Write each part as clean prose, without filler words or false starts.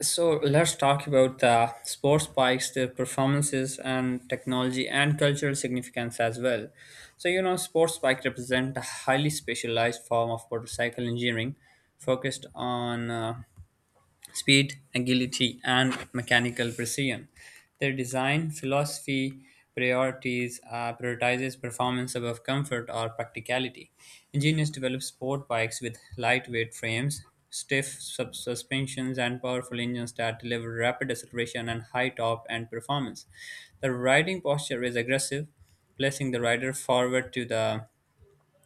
So let's talk about the sports bikes, their performances, and technology and cultural significance as well. So sports bike represent a highly specialized form of motorcycle engineering, focused on speed, agility, and mechanical precision. Their design philosophy priorities prioritizes performance above comfort or practicality. Ingenious develops sport bikes with lightweight frames, suspensions, and powerful engines that deliver rapid acceleration and high top end performance. The riding posture is aggressive, placing the rider forward to the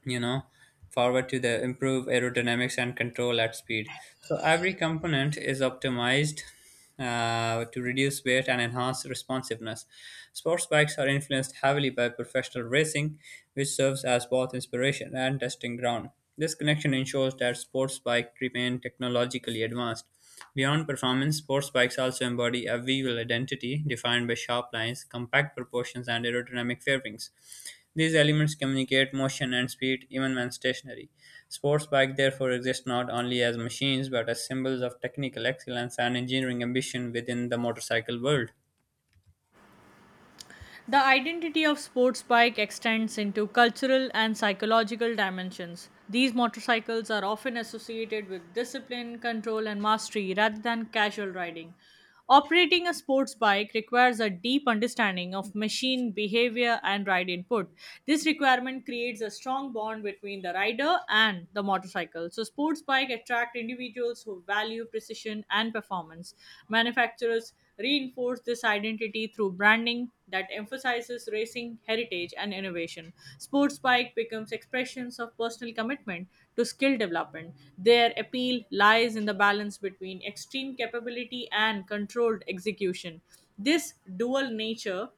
you know forward to the improve aerodynamics and control at speed. So every component is optimized to reduce weight and enhance responsiveness. Sports bikes are influenced heavily by professional racing, which serves as both inspiration and testing ground. This connection ensures that sports bike remain technologically advanced. Beyond performance, sports bikes also embody a wheel identity, defined by sharp lines, compact proportions, and aerodynamic fairings. These elements communicate motion and speed even when stationary. Sports bikes therefore exist not only as machines but as symbols of technical excellence and engineering ambition within the motorcycle world. The identity of sports bike extends into cultural and psychological dimensions. These motorcycles are often associated with discipline, control, and mastery rather than casual riding. Operating a sports bike requires a deep understanding of machine behavior and ride input. This requirement creates a strong bond between the rider and the motorcycle. So, sports bike attract individuals who value precision and performance. Manufacturers reinforce this identity through branding that emphasizes racing heritage and innovation. Sports bike becomes expressions of personal commitment to skill development. Their appeal lies in the balance between extreme capability and controlled execution. This dual nature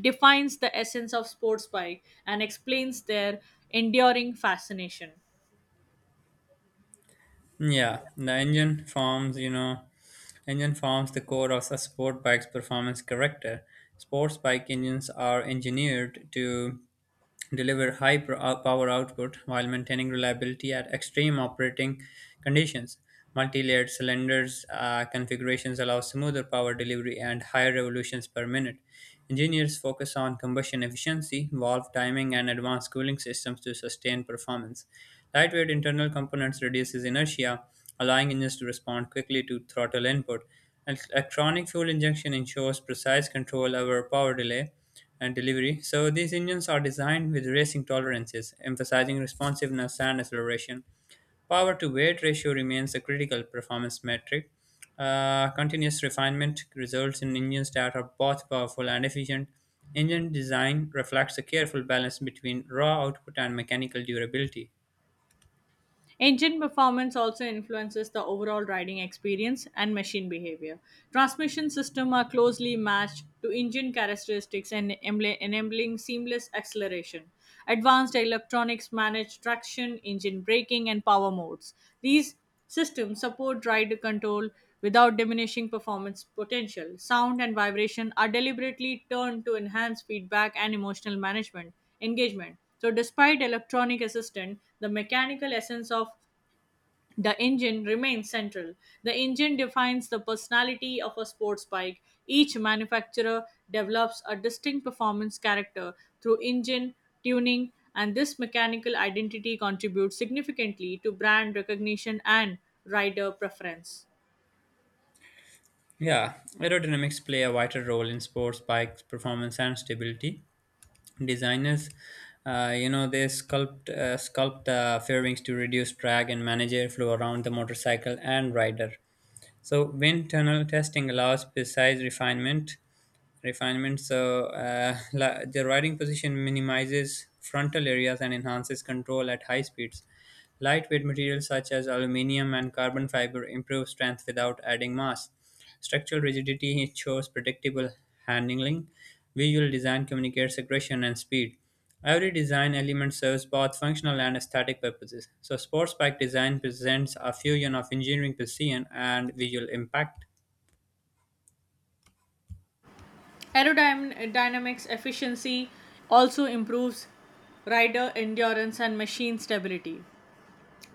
defines the essence of sports bike and explains their enduring fascination. Yeah, the engine forms, you know, engine forms the core of a sport bike's performance character. Sports bike engines are engineered to deliver high power output while maintaining reliability at extreme operating conditions. Multi-layered cylinders configurations allow smoother power delivery and higher revolutions per minute. Engineers focus on combustion efficiency, valve timing, and advanced cooling systems to sustain performance. Lightweight internal components reduces inertia, allowing engines to respond quickly to throttle input. Electronic fuel injection ensures precise control over power delay, and delivery. So these engines are designed with racing tolerances, emphasizing responsiveness and acceleration. Power to weight ratio remains a critical performance metric. Continuous refinement results in engines that are both powerful and efficient. Engine design reflects a careful balance between raw output and mechanical durability. Engine performance also influences the overall riding experience and machine behavior. Transmission systems are closely matched to engine characteristics and enabling seamless acceleration. Advanced electronics manage traction, engine braking, and power modes. These systems support ride control without diminishing performance potential. Sound and vibration are deliberately turned to enhance feedback and emotional management engagement. So despite electronic assistant, the mechanical essence of the engine remains central. The engine defines the personality of a sports bike. Each manufacturer develops a distinct performance character through engine tuning, and this mechanical identity contributes significantly to brand recognition and rider preference. Yeah, aerodynamics play a vital role in sports bikes' performance and stability. Designers they sculpt sculpt the fairings to reduce drag and manage airflow around the motorcycle and rider. So wind tunnel testing allows precise refinement refinements. The riding position minimizes frontal areas and enhances control at high speeds. Lightweight materials such as aluminum and carbon fiber improve strength without adding mass. Structural rigidity ensures predictable handling. Visual design communicates aggression and speed. Every design element serves both functional and aesthetic purposes. So, sports bike design presents a fusion of engineering precision and visual impact. Aerodynamics efficiency also improves rider endurance and machine stability.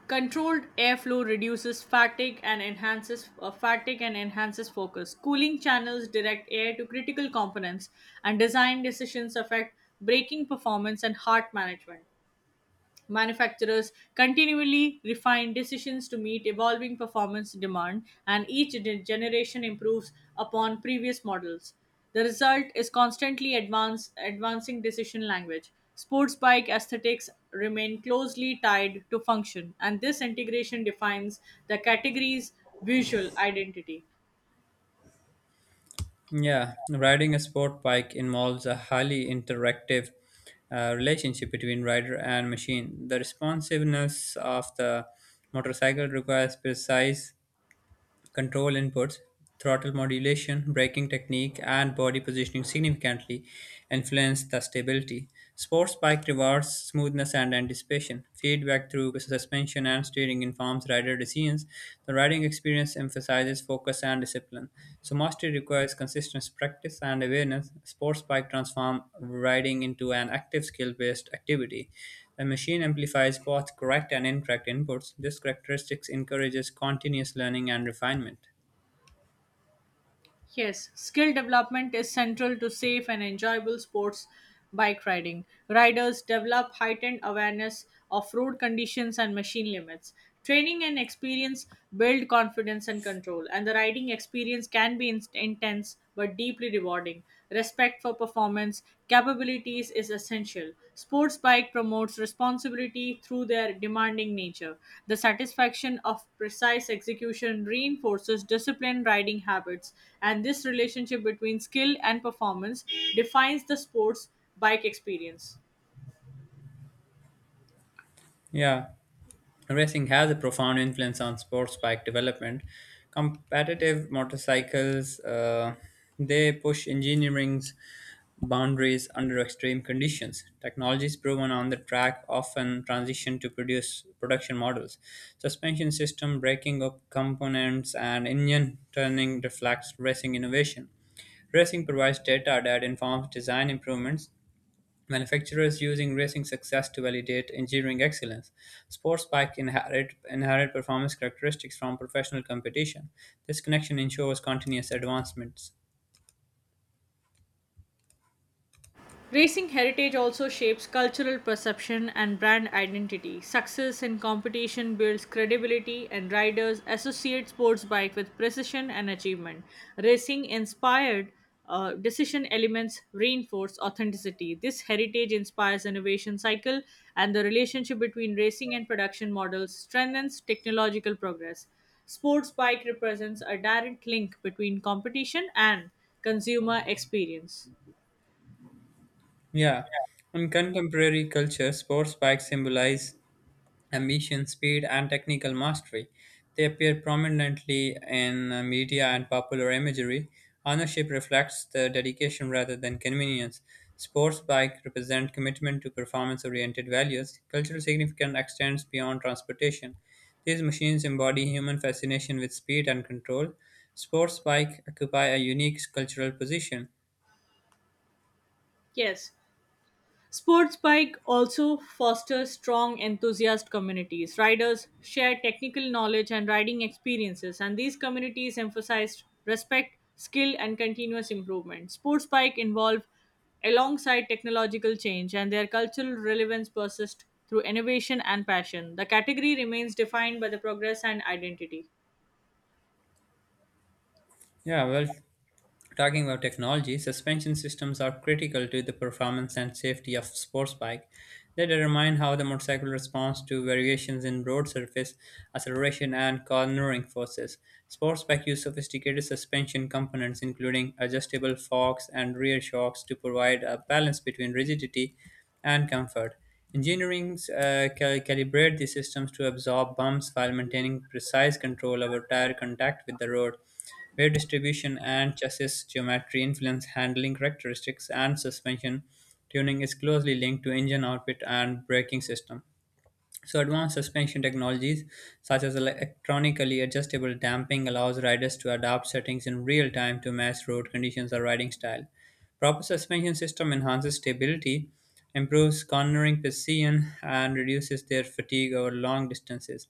Controlled airflow reduces fatigue and enhances focus. Cooling channels direct air to critical components, and design decisions affect braking performance and heart management. Manufacturers continually refine decisions to meet evolving performance demand, and each generation improves upon previous models. The result is constantly advancing decision language. Sports bike aesthetics remain closely tied to function, and this integration defines the category's visual identity. Yeah, riding a sport bike involves a highly interactive relationship between rider and machine. The responsiveness of the motorcycle requires precise control inputs. Throttle modulation, braking technique, and body positioning significantly influence the stability. Sports bike rewards smoothness and anticipation. Feedback through suspension and steering informs rider decisions. The riding experience emphasizes focus and discipline. So mastery requires consistent practice and awareness. Sports bike transform riding into an active skill-based activity. The machine amplifies both correct and incorrect inputs. This characteristic encourages continuous learning and refinement. Yes, skill development is central to safe and enjoyable sports bike riding. Riders develop heightened awareness of road conditions and machine limits. Training and experience build confidence and control, and the riding experience can be intense but deeply rewarding. Respect for performance capabilities is essential. Sports bike promotes responsibility through their demanding nature. The satisfaction of precise execution reinforces disciplined riding habits, and this relationship between skill and performance defines the sports bike experience. Yeah, racing has a profound influence on sports bike development. Competitive motorcycles, they push engineering's boundaries under extreme conditions. Technologies proven on the track often transition to produce production models. Suspension system, braking up components, and engine turning reflects racing innovation. Racing provides data that informs design improvements. Manufacturers using racing success to validate engineering excellence. Sports bike inherit performance characteristics from professional competition. This connection ensures continuous advancements. Racing heritage also shapes cultural perception and brand identity. Success in competition builds credibility, and riders associate sports bike with precision and achievement. Racing inspired decision elements reinforce authenticity. This heritage inspires innovation cycle, and the relationship between racing and production models strengthens technological progress. Sports bike represents a direct link between competition and consumer experience. Yeah. In contemporary culture, sports bikes symbolize ambition, speed, and technical mastery. They appear prominently in media and popular imagery. Ownership reflects the dedication rather than convenience. Sports bike represent commitment to performance-oriented values. Cultural significance extends beyond transportation. These machines embody human fascination with speed and control. Sports bike occupy a unique cultural position. Yes, sports bike also fosters strong enthusiast communities. Riders share technical knowledge and riding experiences, and these communities emphasize respect, skill, and continuous improvement. Sports bike involve alongside technological change, and their cultural relevance persists through innovation and passion. The category remains defined by the progress and identity. Yeah, well, talking about technology, suspension systems are critical to the performance and safety of sports bike. They determine how the motorcycle responds to variations in road surface, acceleration, and cornering forces. Sports bike use sophisticated suspension components, including adjustable forks and rear shocks, to provide a balance between rigidity and comfort. Engineers calibrate the systems to absorb bumps while maintaining precise control over tire contact with the road. Weight distribution and chassis geometry influence handling characteristics, and suspension tuning is closely linked to engine output and braking system. So advanced suspension technologies such as electronically adjustable damping allows riders to adapt settings in real time to match road conditions or riding style. Proper suspension system enhances stability, improves cornering precision and reduces their fatigue over long distances.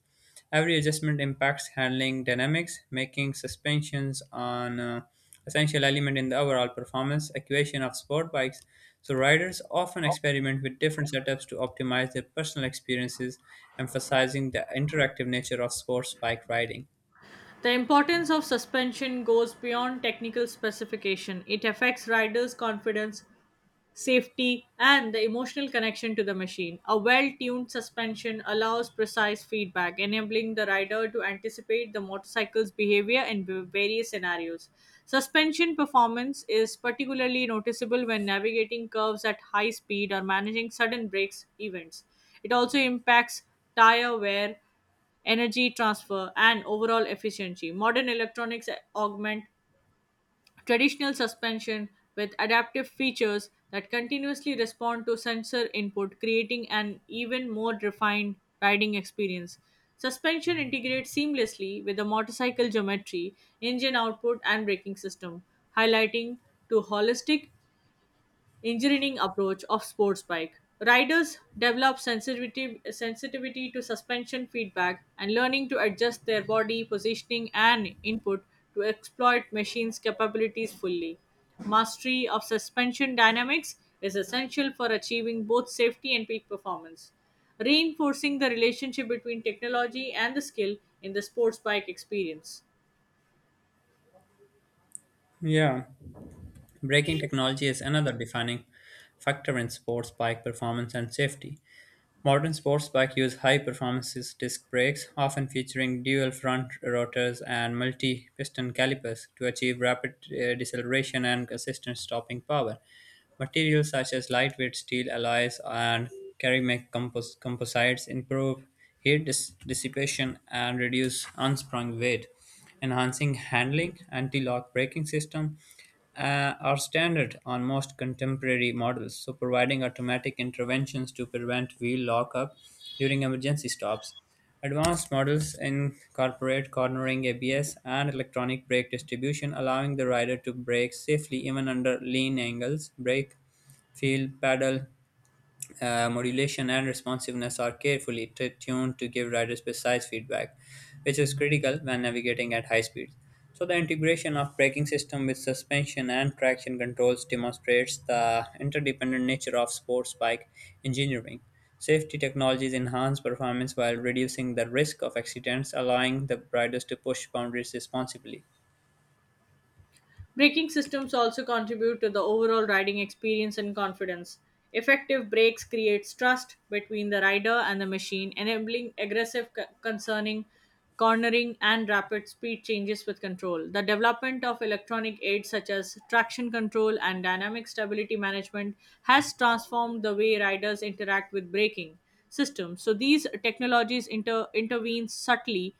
Every adjustment impacts handling dynamics, making suspensions on essential element in the overall performance equation of sport bikes, so riders often experiment with different setups to optimize their personal experiences, emphasizing the interactive nature of sports bike riding. The importance of suspension goes beyond technical specification. It affects riders' confidence, safety, and the emotional connection to the machine. A well tuned suspension allows precise feedback, enabling the rider to anticipate the motorcycle's behavior in various scenarios. Suspension performance is particularly noticeable when navigating curves at high speed or managing sudden brakes events. It also impacts tire wear, energy transfer, and overall efficiency. Modern electronics augment traditional suspension with adaptive features that continuously respond to sensor input, creating an even more refined riding experience. Suspension integrates seamlessly with the motorcycle geometry, engine output, and braking system, highlighting to holistic engineering approach of sports bike. Riders develop sensitivity to suspension feedback and learning to adjust their body positioning and input to exploit machine's capabilities fully. Mastery of suspension dynamics is essential for achieving both safety and peak performance, reinforcing the relationship between technology and the skill in the sports bike experience. Yeah, braking technology is another defining factor in sports bike performance and safety. Modern sports bikes use high-performance disc brakes, often featuring dual front rotors and multi-piston calipers, to achieve rapid deceleration and consistent stopping power. Materials such as lightweight steel alloys and composites improve dissipation and reduce unsprung weight, enhancing handling. Anti-lock braking system are standard on most contemporary models, so providing automatic interventions to prevent wheel lockup during emergency stops. Advanced models incorporate cornering ABS and electronic brake distribution, allowing the rider to brake safely even under lean angles. Feel, pedal, Modulation and responsiveness are carefully tuned to give riders precise feedback, which is critical when navigating at high speeds. So, the integration of braking system with suspension and traction controls demonstrates the interdependent nature of sports bike engineering. Safety technologies enhance performance while reducing the risk of accidents, allowing the riders to push boundaries responsibly. Braking systems also contribute to the overall riding experience and confidence. Effective brakes creates trust between the rider and the machine, enabling aggressive c- concerning cornering and rapid speed changes with control. The development of electronic aids such as traction control and dynamic stability management has transformed the way riders interact with braking systems. So these technologies intervene subtly,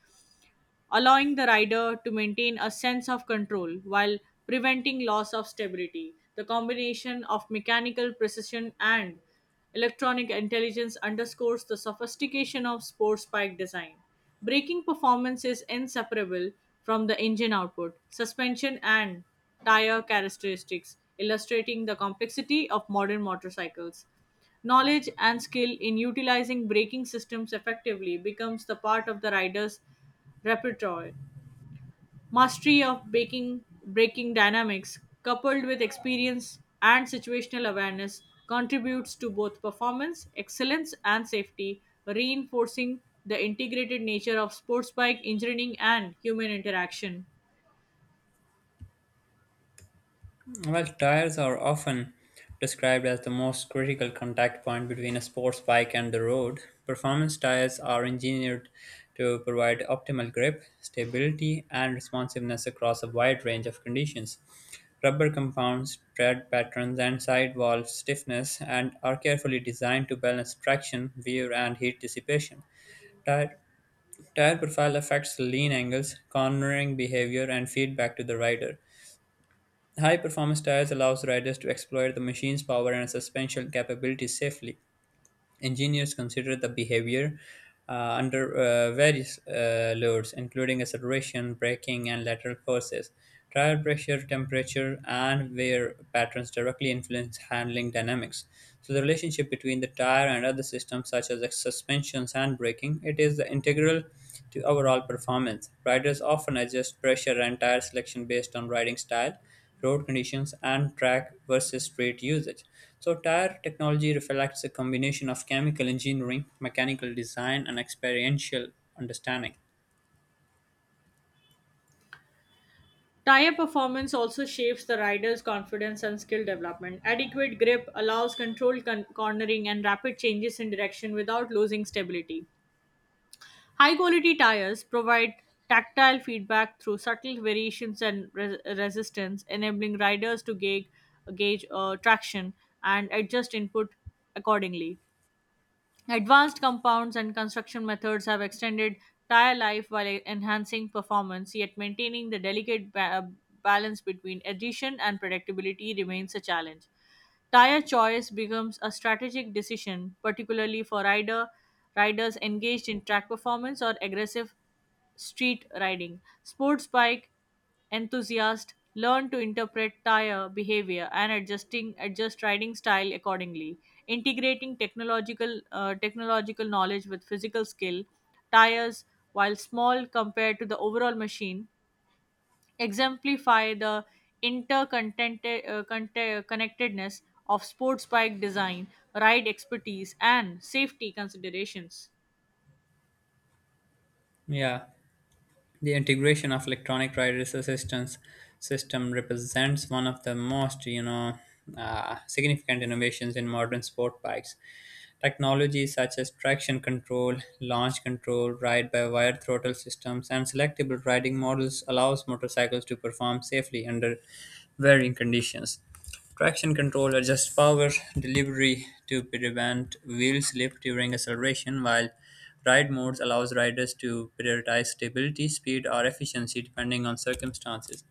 allowing the rider to maintain a sense of control while preventing loss of stability. The combination of mechanical precision and electronic intelligence underscores the sophistication of sports bike design. Braking performance is inseparable from the engine output, suspension, and tire characteristics, illustrating the complexity of modern motorcycles. Knowledge and skill in utilizing braking systems effectively becomes the part of the rider's repertoire. Mastery of breaking dynamics, coupled with experience and situational awareness, contributes to both performance, excellence, and safety, reinforcing the integrated nature of sports bike engineering and human interaction. Well, tires are often described as the most critical contact point between a sports bike and the road. Performance tires are engineered to provide optimal grip, stability, and responsiveness across a wide range of conditions. Rubber compounds, tread patterns, and sidewall stiffness and are carefully designed to balance traction, wear, and heat dissipation. Tire, Tire profile affects lean angles, cornering behavior, and feedback to the rider. High performance tires allows riders to exploit the machine's power and suspension capabilities safely. Engineers consider the behavior uh, under various loads, including acceleration, braking, and lateral forces. Tire pressure, temperature, and wear patterns directly influence handling dynamics. So, the relationship between the tire and other systems, such as suspensions and braking, it is the integral to overall performance. Riders often adjust pressure and tire selection based on riding style, road conditions, and track versus street usage. So, tire technology reflects a combination of chemical engineering, mechanical design, and experiential understanding. Tire performance also shapes the rider's confidence and skill development. Adequate grip allows controlled cornering and rapid changes in direction without losing stability. High quality tires provide tactile feedback through subtle variations and resistance, enabling riders to gauge traction and adjust input accordingly. Advanced compounds and construction methods have extended tire life while enhancing performance, yet maintaining the delicate balance between adhesion and predictability remains a challenge. Tire choice becomes a strategic decision, particularly for riders engaged in track performance or aggressive street riding. Sports bike enthusiasts learn to interpret tire behavior and adjust riding style accordingly. Integrating technological knowledge with physical skill, tires, while small compared to the overall machine, exemplify the interconnectedness of sports bike design, ride expertise, and safety considerations. Yeah, the integration of electronic ride assistance system represents one of the most significant innovations in modern sport bikes. Technologies such as traction control, launch control, ride-by-wire throttle systems, and selectable riding models allows motorcycles to perform safely under varying conditions. Traction control adjusts power delivery to prevent wheel slip during acceleration, while ride modes allows riders to prioritize stability, speed, or efficiency depending on circumstances.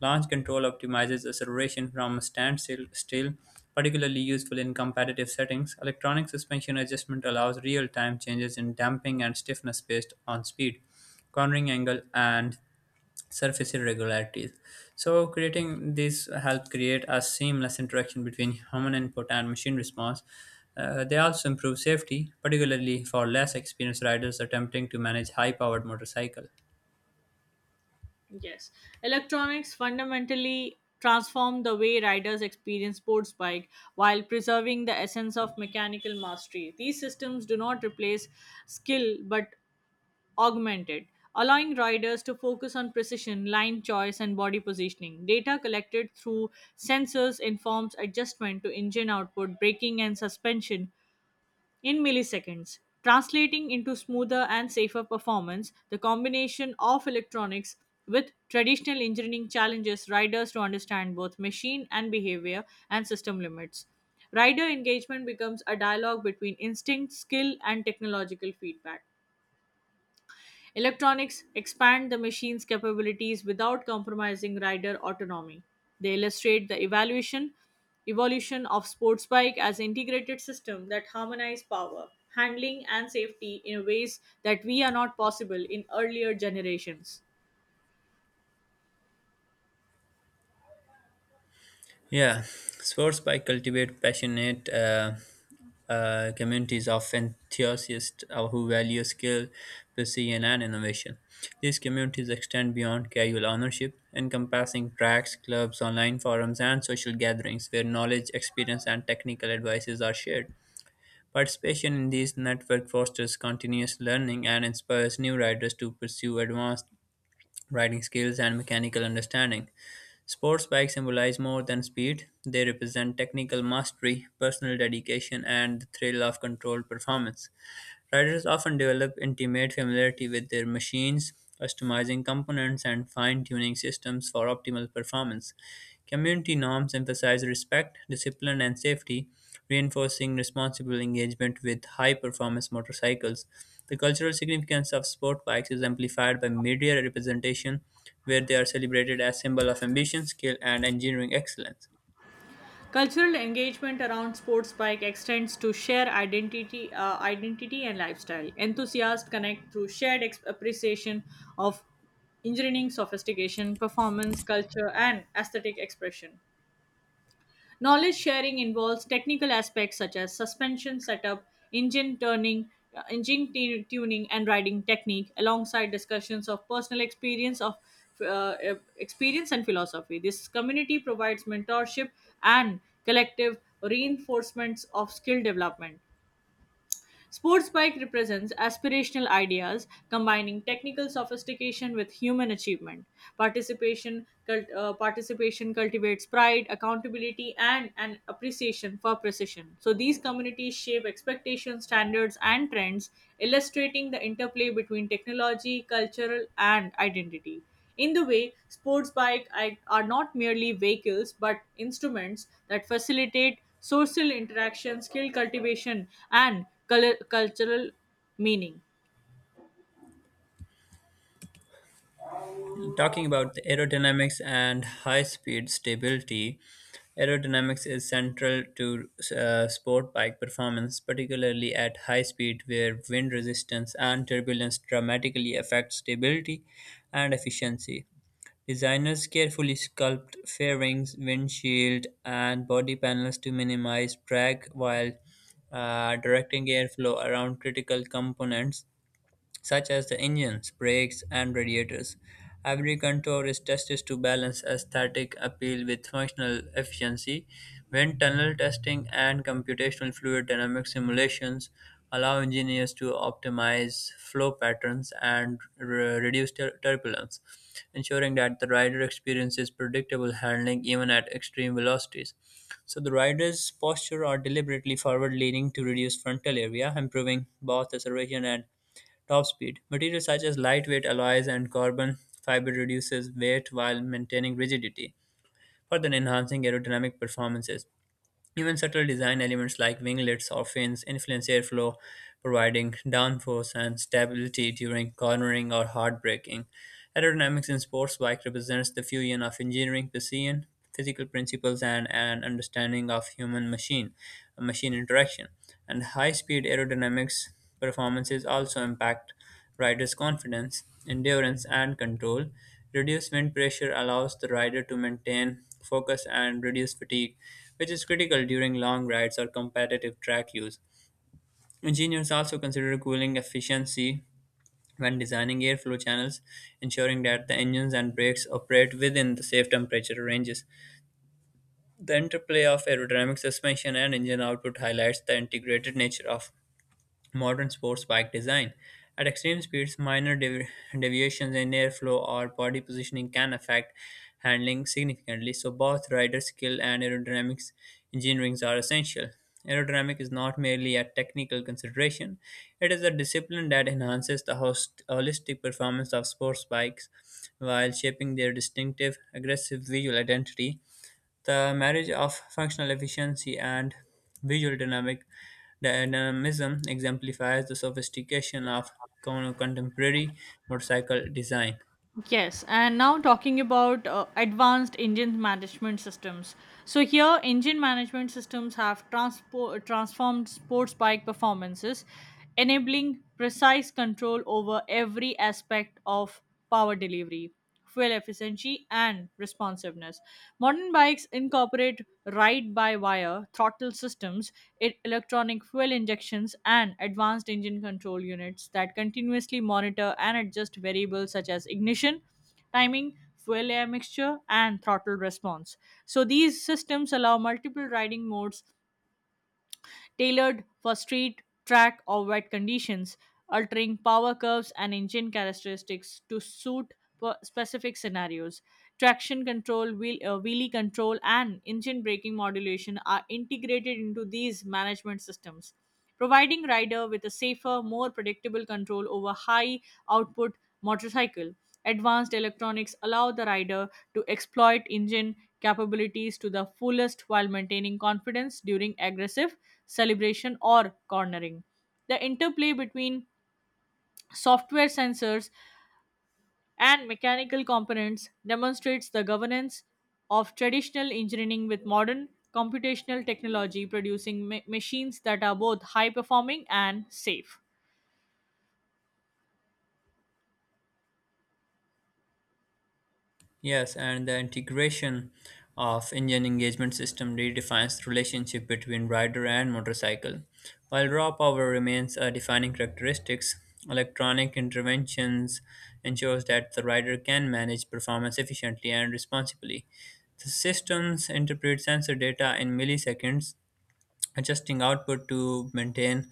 Launch control optimizes acceleration still, particularly useful in competitive settings. Electronic suspension adjustment allows real-time changes in damping and stiffness based on speed, cornering angle, and surface irregularities. So creating these help create a seamless interaction between human input and machine response. They also improve safety, particularly for less experienced riders attempting to manage high-powered motorcycle. Yes, electronics fundamentally transform the way riders experience sports bike while preserving the essence of mechanical mastery. These systems do not replace skill but augmented, allowing riders to focus on precision, line choice, and body positioning. Data collected through sensors informs adjustment to engine output, braking, and suspension in milliseconds. Translating into smoother and safer performance, the combination of electronics with traditional engineering challenges riders to understand both machine and behavior and system limits. Rider engagement becomes a dialogue between instinct, skill, and technological feedback. Electronics expand the machine's capabilities without compromising rider autonomy. They illustrate the evaluation evolution of sports bike as integrated system that harmonize power, handling and safety in ways that we are not possible in earlier generations. Yeah, sports by cultivate passionate communities of enthusiasts who value skill, precision, and innovation. These communities extend beyond casual ownership, encompassing tracks, clubs, online forums, and social gatherings where knowledge, experience, and technical advices are shared. Participation in these network fosters continuous learning and inspires new riders to pursue advanced riding skills and mechanical understanding. Sports bikes symbolize more than speed; they represent technical mastery, personal dedication, and the thrill of controlled performance. Riders often develop intimate familiarity with their machines, customizing components and fine tuning systems for optimal performance. Community norms emphasize respect, discipline, and safety, reinforcing responsible engagement with high performance motorcycles. The cultural significance of sport bikes is amplified by media representation, where they are celebrated as symbol of ambition, skill, and engineering excellence. Cultural engagement around sports bike extends to share identity and lifestyle. Enthusiasts connect through shared appreciation of engineering, sophistication, performance, culture, and aesthetic expression. Knowledge sharing involves technical aspects such as suspension setup, engine turning, engine tuning, and riding technique, alongside discussions of personal experience and philosophy. This community provides mentorship and collective reinforcements of skill development. Sports bike represents aspirational ideas combining technical sophistication with human achievement. Participation cultivates pride, accountability, and an appreciation for precision. So these communities shape expectations, standards, and trends, illustrating the interplay between technology, cultural, and identity. In the way, sports bike are not merely vehicles but instruments that facilitate social interaction, skill cultivation, and colour cultural meaning. Talking about the aerodynamics and high speed stability, aerodynamics is central to sport bike performance, particularly at high speed, where wind resistance and turbulence dramatically affect stability and efficiency. Designers carefully sculpt fairings, windshield, and body panels to minimize drag while directing airflow around critical components such as the engines, brakes, and radiators. Every contour is tested to balance aesthetic appeal with functional efficiency. Wind tunnel testing and computational fluid dynamic simulations allow engineers to optimize flow patterns and reduce turbulence, ensuring that the rider experiences predictable handling even at extreme velocities. So the rider's posture are deliberately forward leaning to reduce frontal area, improving both acceleration and top speed. Materials such as lightweight alloys and carbon fiber reduces weight while maintaining rigidity, further enhancing aerodynamic performances. Even subtle design elements like winglets or fins influence airflow, providing downforce and stability during cornering or hard braking. Aerodynamics in sports bike represents the fusion of engineering precision, physical principles, and an understanding of human-machine machine interaction. And high-speed aerodynamics performances also impact rider's confidence, endurance, and control. Reduced wind pressure allows the rider to maintain focus and reduce fatigue, which is critical during long rides or competitive track use. Engineers also consider cooling efficiency when designing airflow channels, ensuring that the engines and brakes operate within the safe temperature ranges. The interplay of aerodynamic suspension and engine output highlights the integrated nature of modern sports bike design. At extreme speeds, deviations in airflow or body positioning can affect handling significantly, so both rider skill and aerodynamics engineering are essential. Aerodynamic is not merely a technical consideration, it is a discipline that enhances the holistic performance of sports bikes while shaping their distinctive, aggressive visual identity. The marriage of functional efficiency and visual dynamic dynamism exemplifies the sophistication of contemporary motorcycle design. Yes, and now talking about advanced engine management systems. So here, engine management systems have transformed sports bike performances, enabling precise control over every aspect of power delivery, fuel efficiency, and responsiveness. Modern bikes incorporate ride by wire throttle systems, electronic fuel injections, and advanced engine control units that continuously monitor and adjust variables such as ignition, timing, fuel air mixture, and throttle response. So, these systems allow multiple riding modes tailored for street, track, or wet conditions, altering power curves and engine characteristics to suit specific scenarios. Traction control, wheelie control, and engine braking modulation are integrated into these management systems, providing rider with a safer, more predictable control over high output motorcycle. Advanced electronics allow the rider to exploit engine capabilities to the fullest while maintaining confidence during aggressive celebration or cornering. The interplay between software sensors and mechanical components demonstrates the governance of traditional engineering with modern computational technology, producing machines that are both high performing and safe. Yes, and the integration of engine engagement system redefines the relationship between rider and motorcycle. While raw power remains a defining characteristics, electronic interventions ensures that the rider can manage performance efficiently and responsibly. The systems interpret sensor data in milliseconds, adjusting output to maintain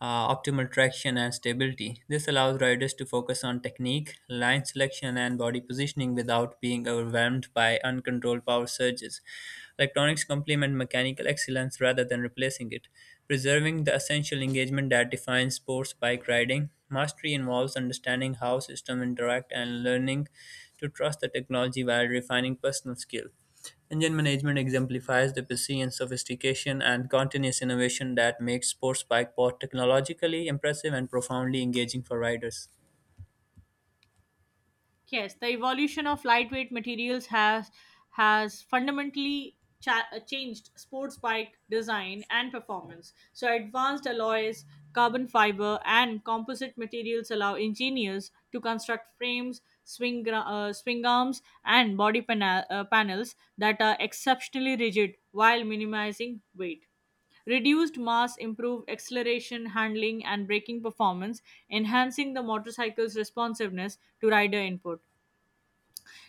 optimal traction and stability. This allows riders to focus on technique, line selection, and body positioning without being overwhelmed by uncontrolled power surges. Electronics complement mechanical excellence rather than replacing it, preserving the essential engagement that defines sports bike riding. Mastery involves understanding how systems interact and learning to trust the technology while refining personal skill. Engine management exemplifies the prescience, sophistication, and continuous innovation that makes sports bike both technologically impressive and profoundly engaging for riders. Yes, the evolution of lightweight materials has fundamentally changed sports bike design and performance. So advanced alloys, carbon fiber, and composite materials allow engineers to construct frames, swing arms, and body panels that are exceptionally rigid while minimizing weight. Reduced mass improved acceleration, handling, and braking performance, enhancing the motorcycle's responsiveness to rider input.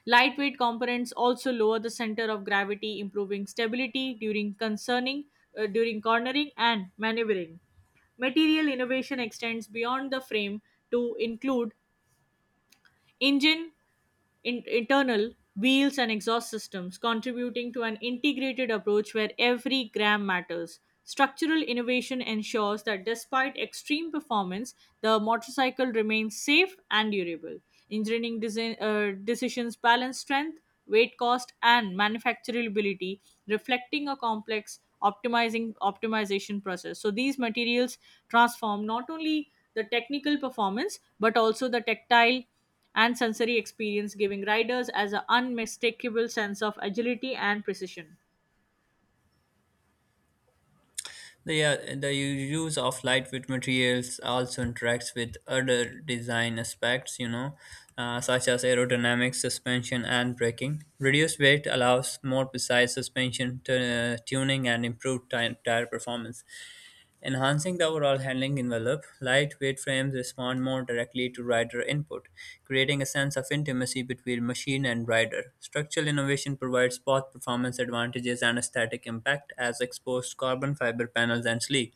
Lightweight components also lower the center of gravity, improving stability during concerning during cornering and maneuvering. Material innovation extends beyond the frame to include engine in- internal wheels and exhaust systems, contributing to an integrated approach where every gram matters. Structural innovation ensures that despite extreme performance, the motorcycle remains safe and durable. Engineering design decisions balance strength, weight, cost, and manufacturability, reflecting a complex optimizing optimization process. So these materials transform not only the technical performance but also the tactile and sensory experience, giving riders as an unmistakable sense of agility and precision. The use of lightweight materials also interacts with other design aspects, such as aerodynamics, suspension, and braking. Reduced weight allows more precise suspension tuning and improved tire performance. Enhancing the overall handling envelope, lightweight frames respond more directly to rider input, creating a sense of intimacy between machine and rider. Structural innovation provides both performance advantages and aesthetic impact as exposed carbon fiber panels and sleek.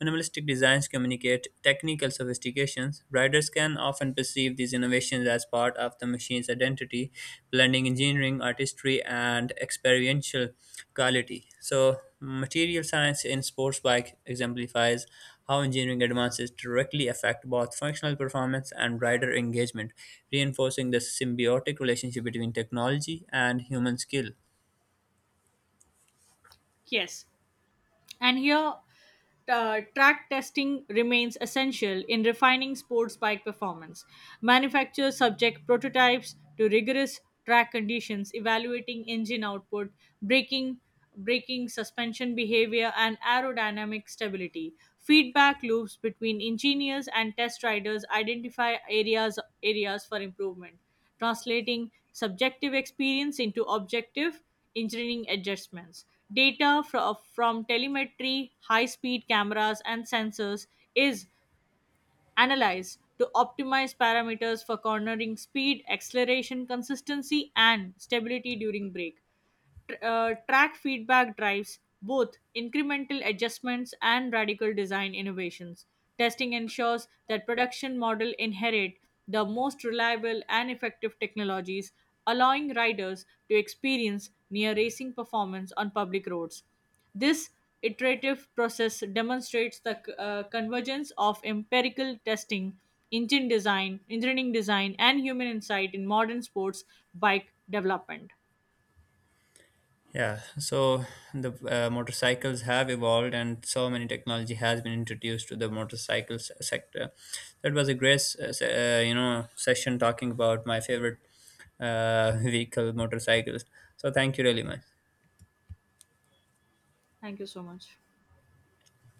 Minimalistic designs communicate technical sophistications. Riders can often perceive these innovations as part of the machine's identity, blending engineering, artistry, and experiential quality. So, material science in sports bike exemplifies how engineering advances directly affect both functional performance and rider engagement, reinforcing the symbiotic relationship between technology and human skill. Yes, and here track testing remains essential in refining sports bike performance. Manufacturers subject prototypes to rigorous track conditions, evaluating engine output, braking, braking, suspension behavior, and aerodynamic stability. Feedback loops between engineers and test riders identify areas for improvement, translating subjective experience into objective engineering adjustments. Data from telemetry, high speed cameras, and sensors is analyze to optimize parameters for cornering speed, acceleration, consistency, and stability during brake. Track feedback drives both incremental adjustments and radical design innovations. Testing ensures that production models inherit the most reliable and effective technologies, allowing riders to experience near racing performance on public roads. This iterative process demonstrates the convergence of empirical testing, engineering design, and human insight in modern sports bike development. Yeah, so the motorcycles have evolved, and so many technology has been introduced to the sector. That was a great, session talking about my favorite vehicle, motorcycles. So thank you really much. Thank you so much.